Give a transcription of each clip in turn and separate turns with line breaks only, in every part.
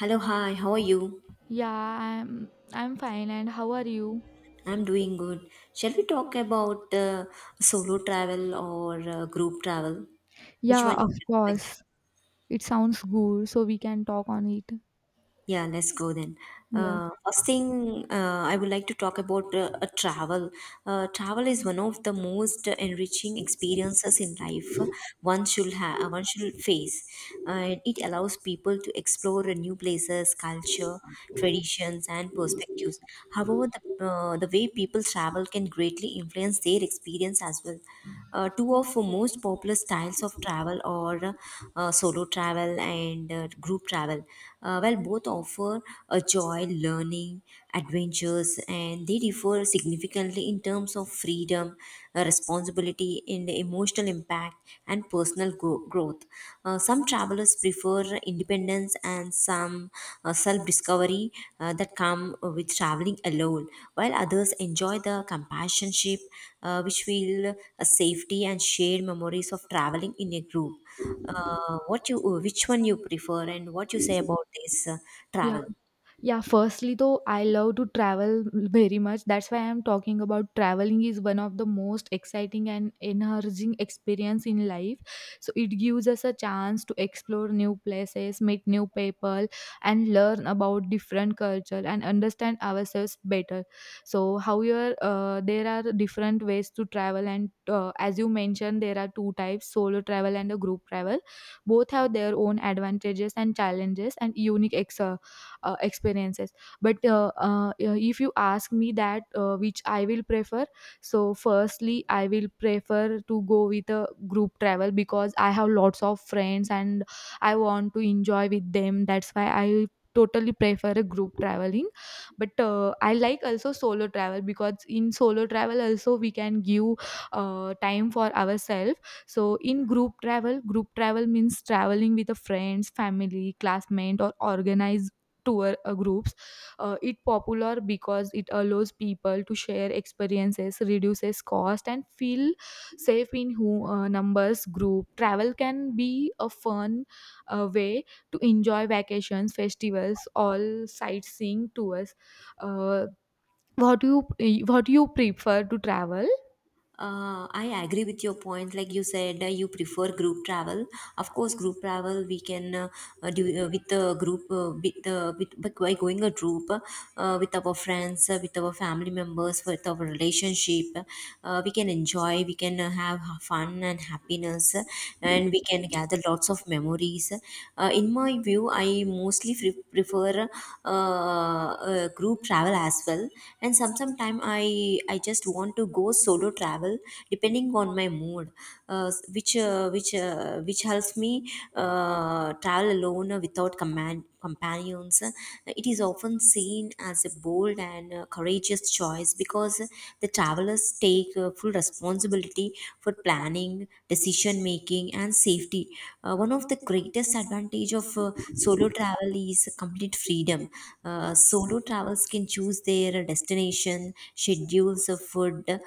Hello, hi, how are you?
Yeah, I'm fine. And how are you?
I'm doing good. Shall we talk about solo travel or group travel? Which
Yeah,
one
of
you prefer?
course. It sounds good, so we can talk on it.
Yeah, let's go then.
Yeah.
First thing, I would like to talk about a travel. Travel is one of the most enriching experiences in life one should have. One should face. And it allows people to explore new places, culture, traditions, and perspectives. However, the way people travel can greatly influence their experience as well. Uh, two of the most popular styles of travel are solo travel and group travel. Well, both offer a joy, learning, adventures, and they differ significantly in terms of freedom, responsibility, and emotional impact and personal growth. Some travelers prefer independence and some self-discovery that come with traveling alone, while others enjoy the companionship which will a safety and shared memories of traveling in a group. Which one you prefer, and what you say about this
Yeah.
travel?
Yeah, firstly though, I love to travel very much. That's why I'm talking about traveling is one of the most exciting and enhancing experience in life. So it gives us a chance to explore new places, meet new people, and learn about different culture and understand ourselves better. So how you there are different ways to travel, and as you mentioned, there are two types: solo travel and a group travel. Both have their own advantages and challenges and unique experiences, but yeah, if you ask me that which I will prefer, so firstly I will prefer to go with a group travel, because I have lots of friends and I want to enjoy with them. That's why I totally prefer a group traveling, but I like also solo travel, because in solo travel also we can give time for ourselves. So in group travel means traveling with a friends, family, classmate or organized tour groups. It popular because it allows people to share experiences, reduces cost, and feel safe in who numbers group. Travel can be a fun way to enjoy vacations, festivals, all sightseeing tours. Uh, what do you prefer to travel?
I agree with your point. Like you said, you prefer group travel. Of course, group travel we can do with the group, with the with but by going a group with our friends, with our family members, with our relationship, we can enjoy, we can have fun and happiness, and we can gather lots of memories. In my view, I mostly prefer group travel as well. And sometime I just want to go solo travel depending on my mood, which helps me travel alone without command companions. It is often seen as a bold and courageous choice because the travelers take full responsibility for planning, decision making, and safety. One of the greatest advantage of solo travel is complete freedom. Solo travelers can choose their destination, schedules, food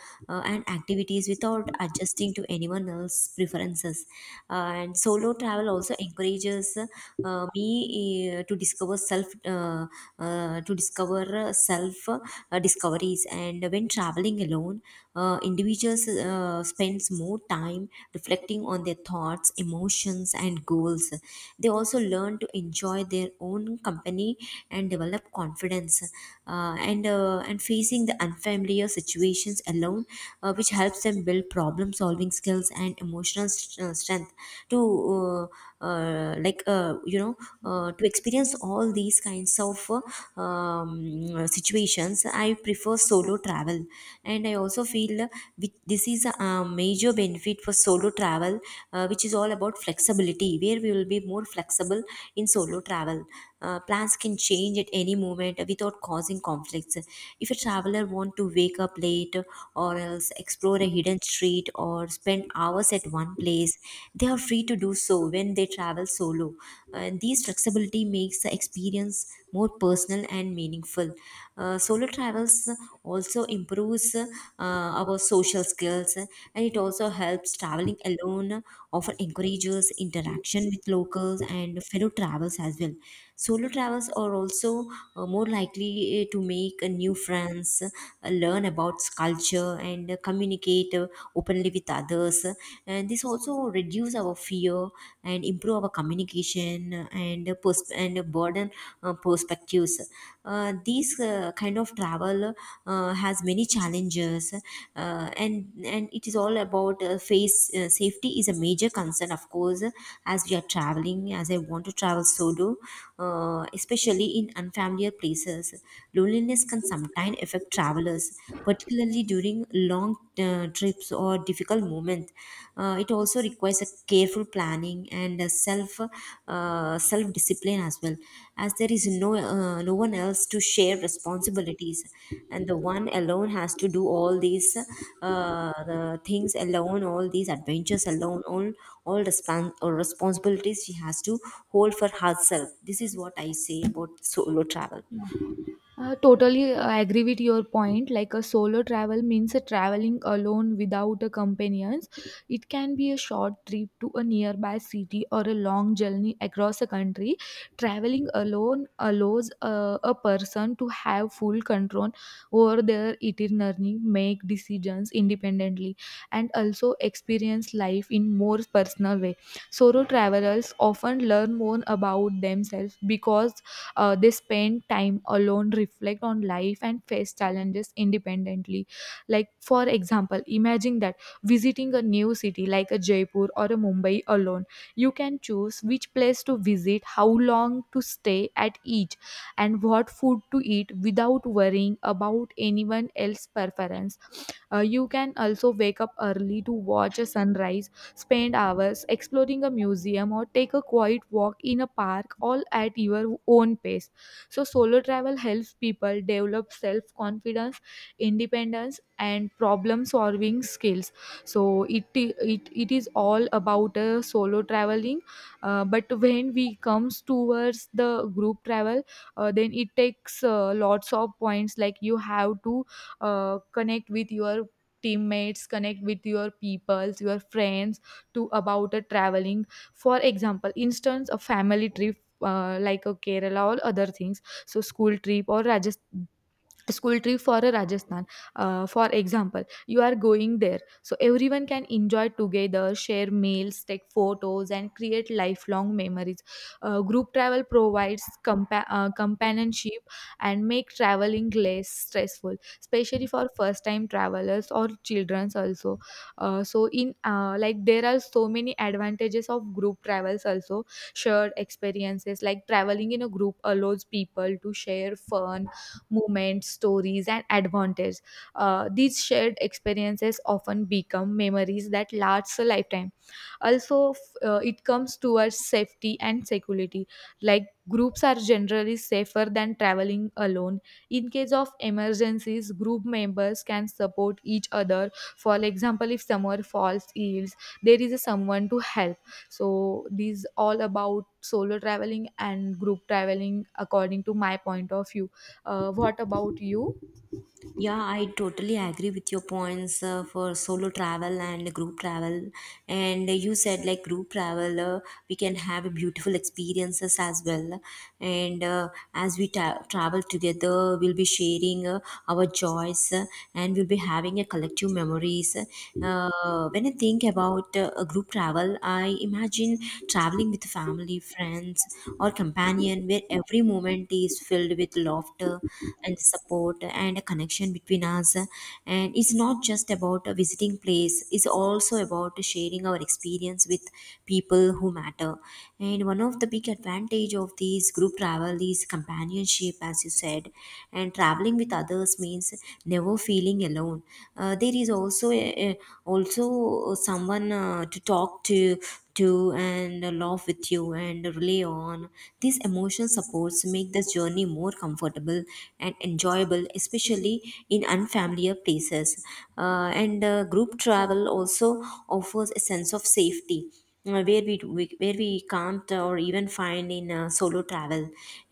and activities without adjusting to anyone else's preferences. And solo travel also encourages me to discover self discoveries. And when traveling alone, individuals spends more time reflecting on their thoughts, emotions, and goals. They also learn to enjoy their own company and develop confidence. And facing the unfair unfamiliar situations alone, which helps them build problem solving skills and emotional strength to uh, uh, like uh, you know to experience all these kinds of situations. I prefer solo travel, and I also feel this is a major benefit for solo travel, which is all about flexibility, where we will be more flexible in solo travel. Plans can change at any moment without causing conflicts. If a traveler want to wake up late or else explore a hidden street or spend hours at one place, they are free to do so when they travel solo. And these flexibility makes the experience more personal and meaningful. Solo travels also improves our social skills, and it also helps. Traveling alone often encourages interaction with locals and fellow travelers as well. Solo travels are also more likely to make new friends, learn about culture, and communicate openly with others. And this also reduce our fear and improve our communication and broaden perspectives. These kind of travel has many challenges, and it is all about face safety is a major concern, of course, as we are traveling. As I want to travel solo, especially in unfamiliar places, loneliness can sometimes affect travelers, particularly during long trips or difficult moments. It also requires a careful planning and self discipline as well, as there is no one else to share responsibilities, and the one alone has to do all these the things alone, all these adventures alone, all respon- or responsibilities she has to hold for herself. This is what I say about solo travel.
Totally agree with your point. Like a solo travel means a traveling alone without a companions. It can be a short trip to a nearby city or a long journey across a country. Traveling alone allows a person to have full control over their itinerary, make decisions independently, and also experience life in more personal way. Solo travelers often learn more about themselves because they spend time alone, reflect on life, and face challenges independently. Like, for example, imagine that visiting a new city like a Jaipur or a Mumbai alone, you can choose which place to visit, how long to stay at each, and what food to eat without worrying about anyone else's preference. You can also wake up early to watch a sunrise, spend hours exploring a museum, or take a quiet walk in a park, all at your own pace. So, solo travel helps people develop self confidence, independence, and problem solving skills. So, it is all about solo traveling. But when we comes towards the group travel, then it takes lots of points. Like you have to connect with your teammates, connect with your peoples, your friends, to about a traveling. For example, instance a family trip like a Kerala or other things, so school trip or Rajasthan, school trip for a Rajasthan, for example you are going there, so everyone can enjoy together, share meals, take photos and create lifelong memories. Group travel provides companionship and make traveling less stressful, especially for first time travelers or childrens also. Uh, so in uh, like there are so many advantages of group travels also. Shared experiences, like traveling in a group allows people to share fun moments, stories, and advantage. These shared experiences often become memories that last a lifetime. Also, it comes towards safety and security. Like, groups are generally safer than traveling alone. In case of emergencies, group members can support each other. For example, if someone falls ill, there is a someone to help. So these all about solo traveling and group traveling according to my point of view. What about you?
Yeah, I totally agree with your points for solo travel and group travel. And you said like group travel, we can have beautiful experiences as well. And as we travel together, we'll be sharing our joys and we'll be having a collective memories. When I think about a group travel, I imagine traveling with family, friends, or companion, where every moment is filled with laughter and support and a connection between us. And it's not just about a visiting place, it's also about sharing our experience with people who matter. And one of the big advantage of these group travel is companionship, as you said. And traveling with others means never feeling alone. There is also also someone to talk to and laugh with you and rely on. These emotional supports make the journey more comfortable and enjoyable, especially in unfamiliar places. And Group travel also offers a sense of safety, where we can't or even find in solo travel,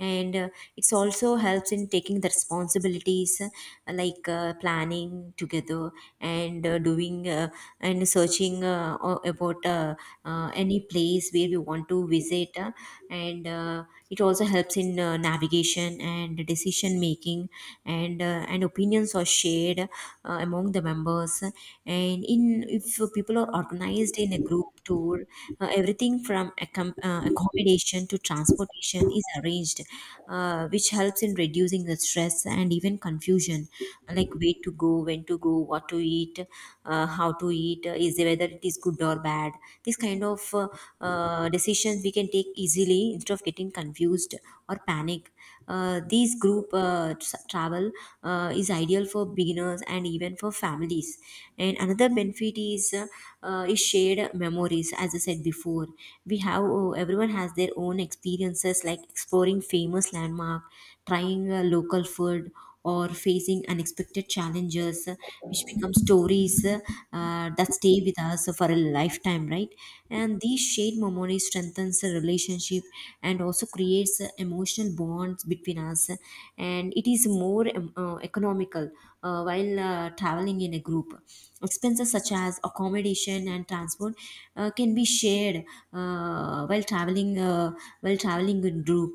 and it's also helps in taking the responsibilities, like planning together and doing looking and searching about any place where we want to visit, and it also helps in navigation and decision making, and opinions are shared among the members. And in if people are organized in a group tour, everything from accommodation to transportation is arranged, which helps in reducing the stress and even confusion, like where to go, when to go, what to eat, how to eat, is whether it is good or bad. This kind of decisions we can take easily instead of getting confused or panic. These group travel is ideal for beginners and even for families. And another benefit is it is shared memories. As I said before, everyone has their own experiences like exploring famous landmark, trying local food, or facing unexpected challenges, which become stories that stay with us for a lifetime, right? And these shared memories strengthens the relationship and also creates emotional bonds between us, and it is more economical. While traveling in a group, expenses such as accommodation and transport can be shared uh, while traveling uh, while traveling in group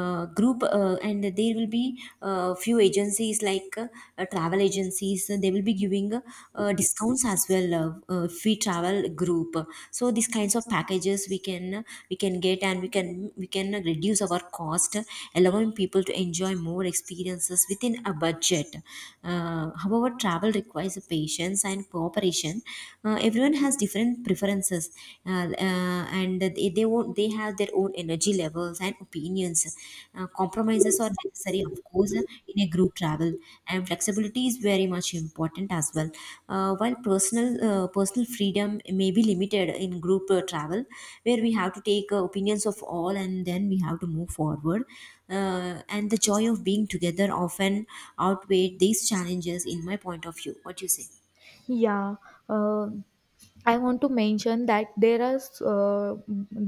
uh, group uh, and there will be few agencies like travel agencies. They will be giving discounts as well if we travel group, so these kinds of packages we can get, and we can reduce our cost, allowing people to enjoy more experiences within a budget. However, travel requires patience and cooperation. Everyone has different preferences, and they won't they have their own energy levels and opinions. Compromises are necessary, of course, in a group travel, and flexibility is very much important as well. While personal freedom may be limited in group travel, where we have to take opinions of all, and then we have to move forward. And the joy of being together often outweigh these challenges, in my point of view. What do you say?
Yeah, uh, I want to mention that there are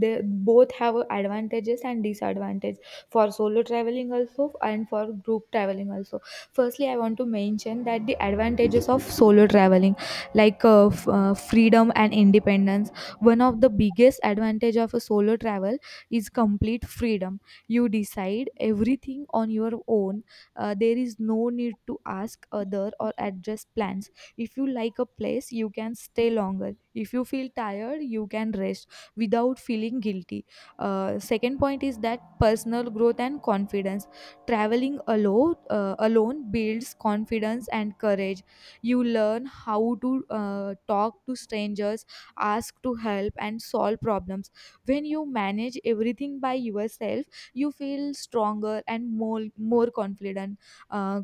they both have advantages and disadvantages for solo traveling also and for group traveling also. Firstly, I want to mention that the advantages of solo traveling, like freedom and independence. One of the biggest advantage of a solo travel is complete freedom. You decide everything on your own. There is no need to ask other or adjust plans. If you like a place, you can stay longer. If you feel tired, you can rest without feeling guilty. Second point is that personal growth and confidence. Traveling alone builds confidence and courage. You learn how to talk to strangers, ask to help, and solve problems. When you manage everything by yourself, you feel stronger and more confident. Uh,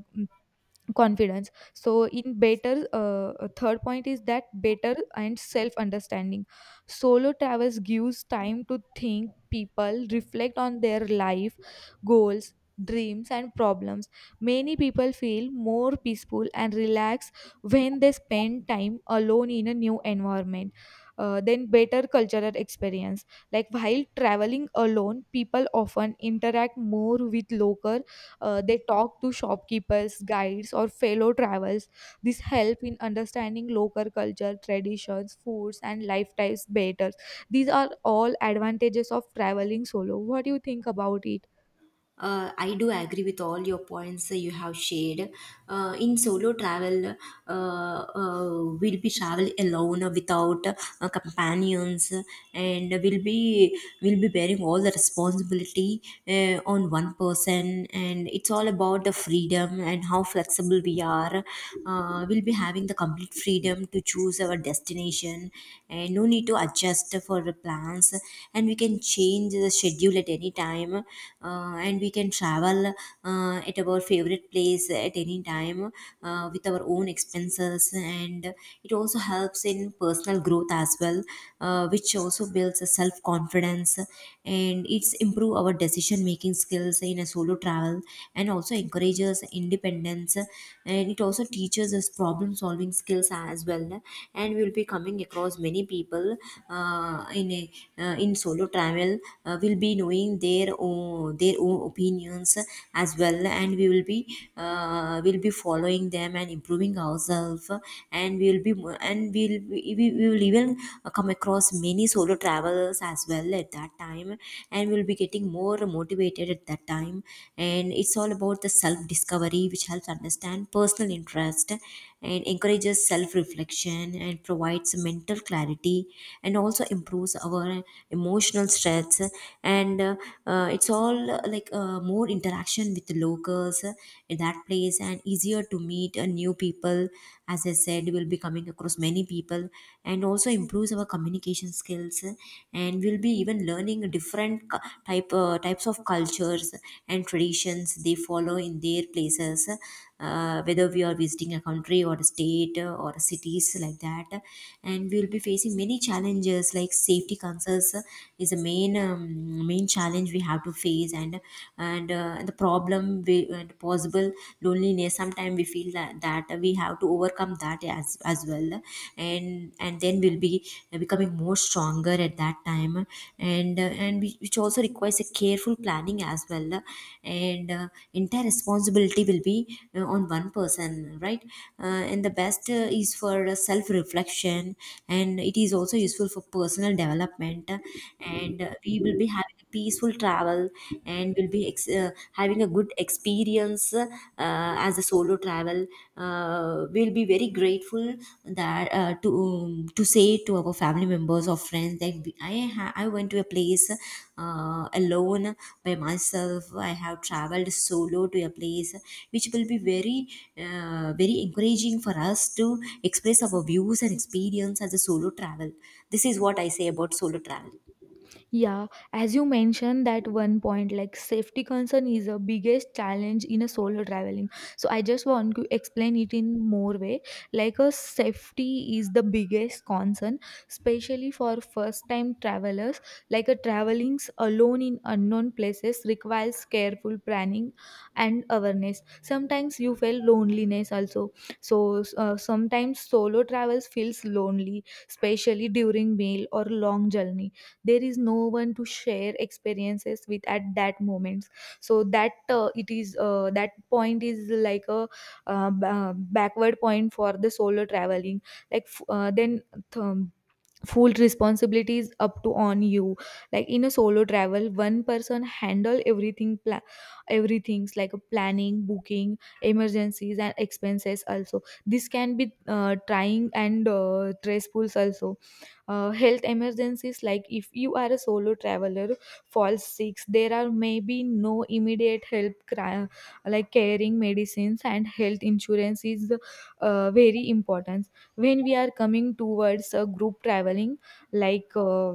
confidence so in better third point is that better and self understanding. Solo travels gives time to think, people reflect on their life, goals, dreams and problems. Many people feel more peaceful and relaxed when they spend time alone in a new environment. Then better cultural experience, like while traveling alone people often interact more with local, they talk to shopkeepers, guides, or fellow travelers. This help in understanding local culture, traditions, foods, and lifestyles better. These are all advantages of traveling solo. What do you think about it?
I do agree with all your points that you have shared. In solo travel, we'll be travel alone without companions, and we'll be bearing all the responsibility on one person. And it's all about the freedom and how flexible we are. We'll be having the complete freedom to choose our destination, and no need to adjust for the plans. And we can change the schedule at any time and we can travel at our favorite place at any time with our own expenses, and it also helps in personal growth as well, which also builds a self confidence, and it's improve our decision making skills in a solo travel, and also encourages independence, and it also teaches us problem solving skills as well. And we'll be coming across many people uh, in a in solo travel will be knowing their own opinions as well, and we will be following them and improving ourselves. And we will be mo- and we'll we, will be, we will even come across many solo travelers as well at that time, and we'll be getting more motivated at that time. And it's all about the self discovery, which helps understand personal interest and encourages self reflection and provides mental clarity, and also improves our emotional stress. And it's all like more interaction with the locals in that place, and easier to meet new people. As I said, we'll be coming across many people, and also improves our communication skills. And we'll be even learning different types of cultures and traditions they follow in their places, whether we are visiting a country or a state or cities like that. And we will be facing many challenges like safety concerns. Is a main main challenge we have to face. And the problem we, and possible loneliness sometimes we feel that, we have to overcome that as well. And then we'll be becoming more stronger at that time. And which also requires a careful planning as well. And entire responsibility will be on one person, right? And the best is for self reflection, and it is also useful for personal development. And we will be having a peaceful travel, and we'll be having a good experience as a solo travel. We'll be very grateful that to say to our family members or friends that I went to a place alone, by myself. I have traveled solo to a place, which will be very very encouraging for us to express our views and experience as a solo travel. This is what I say about solo travel.
Yeah, as you mentioned that one point, like safety concern is the biggest challenge in a solo traveling. So I just want to explain it in more way. Like a safety is the biggest concern, especially for first time travelers. Like a traveling alone in unknown places requires careful planning and awareness. Sometimes you feel loneliness also. So sometimes solo travels feels lonely, especially during meal or long journey, there is no one to share experiences with at that moment. So that it is, that point is like a backward point for the solo traveling. Like then th- full responsibilities up to on you, like in a solo travel one person handle everything, everything's like a planning, booking, emergencies and expenses also. This can be trying and stressful also. Health emergencies, like if you are a solo traveler falls sick, there are maybe no immediate help, like caring medicines and health insurance is very important. When we are coming towards a group traveling, like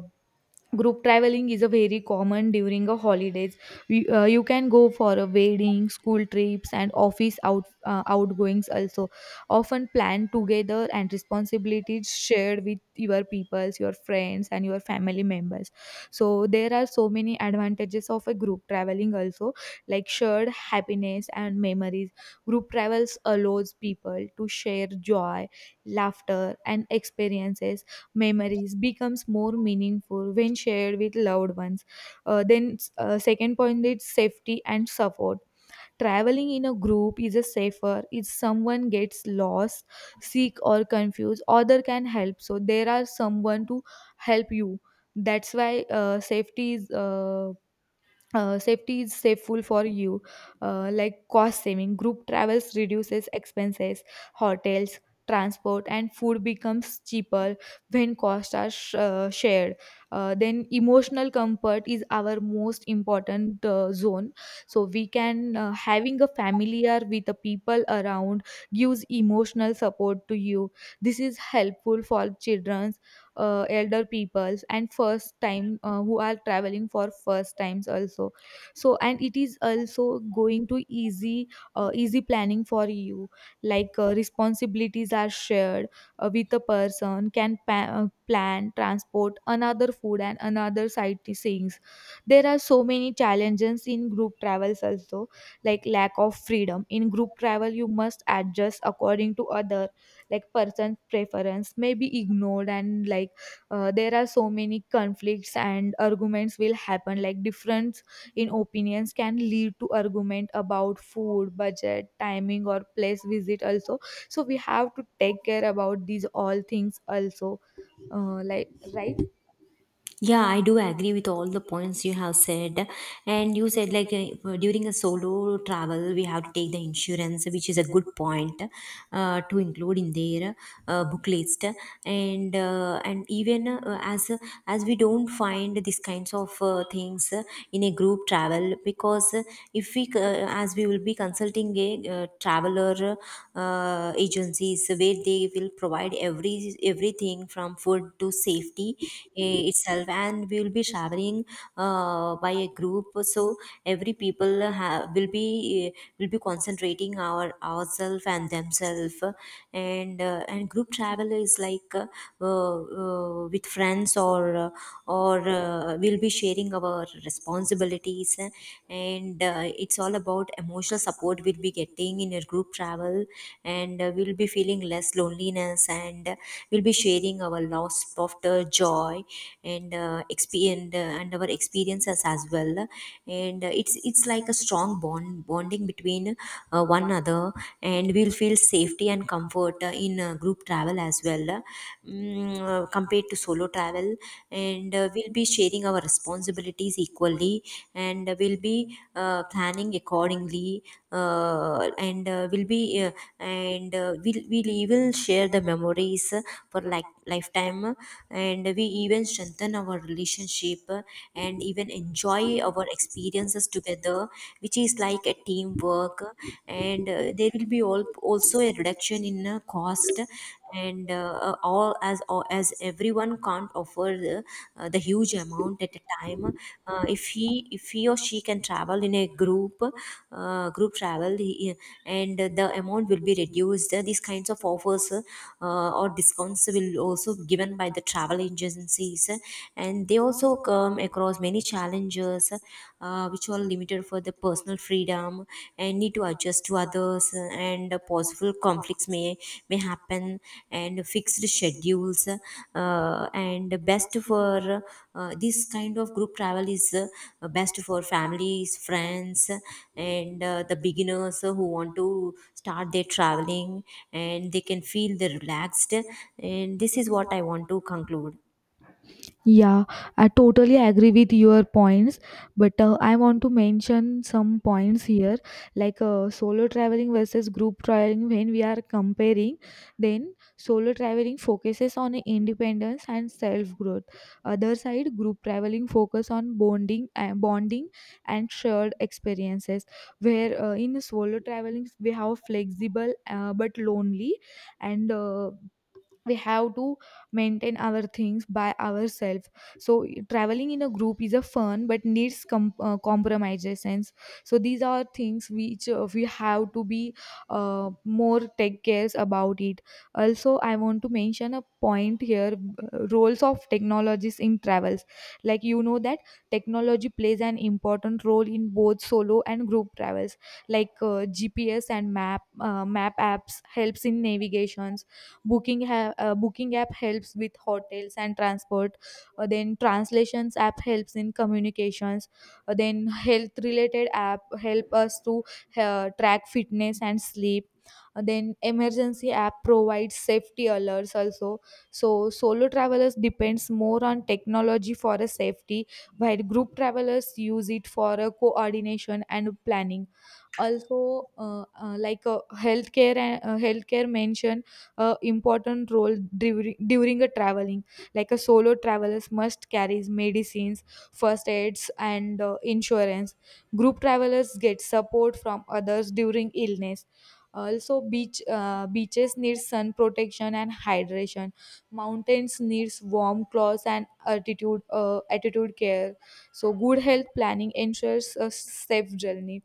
group traveling is a very common during a holidays, you can go for a wedding, school trips and office outgoings also, often planned together and responsibilities shared with your peoples, your friends and your family members. So there are so many advantages of a group traveling also, like shared happiness and memories. Group travels allows people to share joy, laughter and experiences. Memories becomes more meaningful when shared with loved ones. Then, second point is safety and support. Traveling in a group is a safer. If someone gets lost, sick, or confused, other can help. So there are someone to help you. That's why safety is, safe for you. Like cost saving, group travels reduces expenses, hotels, transport and food becomes cheaper when costs are shared. Then emotional comfort is our most important zone. So we can having a familiar with the people around gives emotional support to you. This is helpful for children, elder peoples and first time who are traveling for first times also. So and it is also going to easy planning for you, like responsibilities are shared with a person can plan transport, another food and another sightseeings. There are so many challenges in group travels also, like lack of freedom in group travel, you must adjust according to others. Like person preference may be ignored, and like there are so many conflicts and arguments will happen, like difference in opinions can lead to argument about food, budget, timing or place visit also. So we have to take care about these all things also, right.
Yeah, I do agree with all the points you have said. And you said, like, during a solo travel, we have to take the insurance, which is a good point to include in their book list. And even as we don't find these kinds of things in a group travel, because if as we will be consulting a traveler agencies where they will provide everything from food to safety. Eh, it's itself, and we will be traveling by a group, so every people will be concentrating our ourselves and themselves. And and group travel is like with friends or we'll be sharing our responsibilities. And it's all about emotional support we'll be getting in a group travel. And we'll be feeling less loneliness, and we'll be sharing our loss, laughter, joy, and our experiences as well. And it's like a strong bonding between one another. And we'll feel safety and comfort in group travel as well, compared to solo travel. And we'll be sharing our responsibilities equally, and we'll be planning accordingly. And we'll be And we will share the memories for like lifetime, and we even strengthen our relationship, and even enjoy our experiences together, which is like a teamwork. And There will be also a reduction in cost. And all as as everyone can't offer the huge amount at a time. If he if he or she can travel in a group uh, group travel he- and the amount will be reduced, these kinds of offers or discounts will also given by the travel agencies. And they also come across many challenges, which are limited for the personal freedom and need to adjust to others, and possible conflicts may happen, and fixed schedules. And best for, this kind of group travel is best for families, friends, and the beginners who want to start their traveling, and they can feel the relaxed. And this is what I want to conclude.
Yeah, I totally agree with your points, but I want to mention some points here, like solo traveling versus group traveling. When we are comparing, then solo traveling focuses on independence and self growth. Other side, group traveling focus on bonding and shared experiences. Where in solo traveling we have flexible, but lonely, and we have to maintain our things by ourselves. So traveling in a group is a fun but needs compromises, and so these are things which we have to be more take cares about it. Also I want to mention a point here, roles of technologies in travels. Like you know that technology plays an important role in both solo and group travels. Like GPS and map apps helps in navigations, booking app helps with hotels and transport. Then translations app helps in communications. Then health related app help us to track fitness and sleep. Then emergency app provides safety alerts also. So solo travelers depends more on technology for a safety, while group travelers use it for a coordination and planning also. Like healthcare mention a important role during a traveling. Like a solo travelers must carry medicines, first aids and insurance. Group travelers get support from others during illness also. Beaches need sun protection and hydration, mountains needs warm clothes and altitude attitude care. So good health planning ensures a safe journey.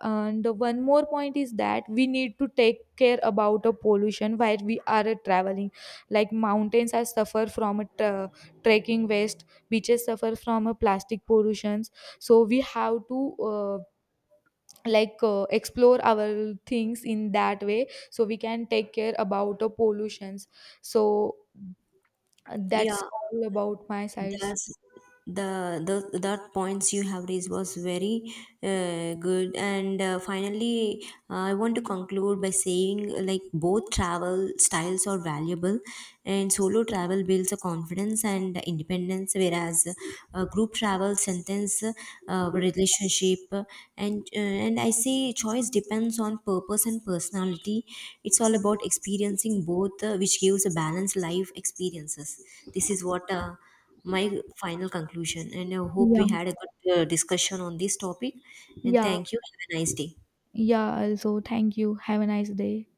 And one more point is that we need to take care about the pollution while we are traveling. Like mountains are suffer from a trekking waste, beaches suffer from a plastic pollutions. So we have to like explore our things in that way, so we can take care about the pollutions. So
呀。
that's all about my sides.
That's the the That points you have raised was very good. And finally, I want to conclude by saying like both travel styles are valuable, and solo travel builds a confidence and independence, whereas group travel strengthens relationship. And uh, and I say choice depends on purpose and personality. It's all about experiencing both, which gives a balanced life experiences. This is what uh, my final conclusion. And I hope we
Yeah.
had a good discussion on this topic. And
Yeah.
thank you. Have a nice day.
Yeah, also thank you. Have a nice day.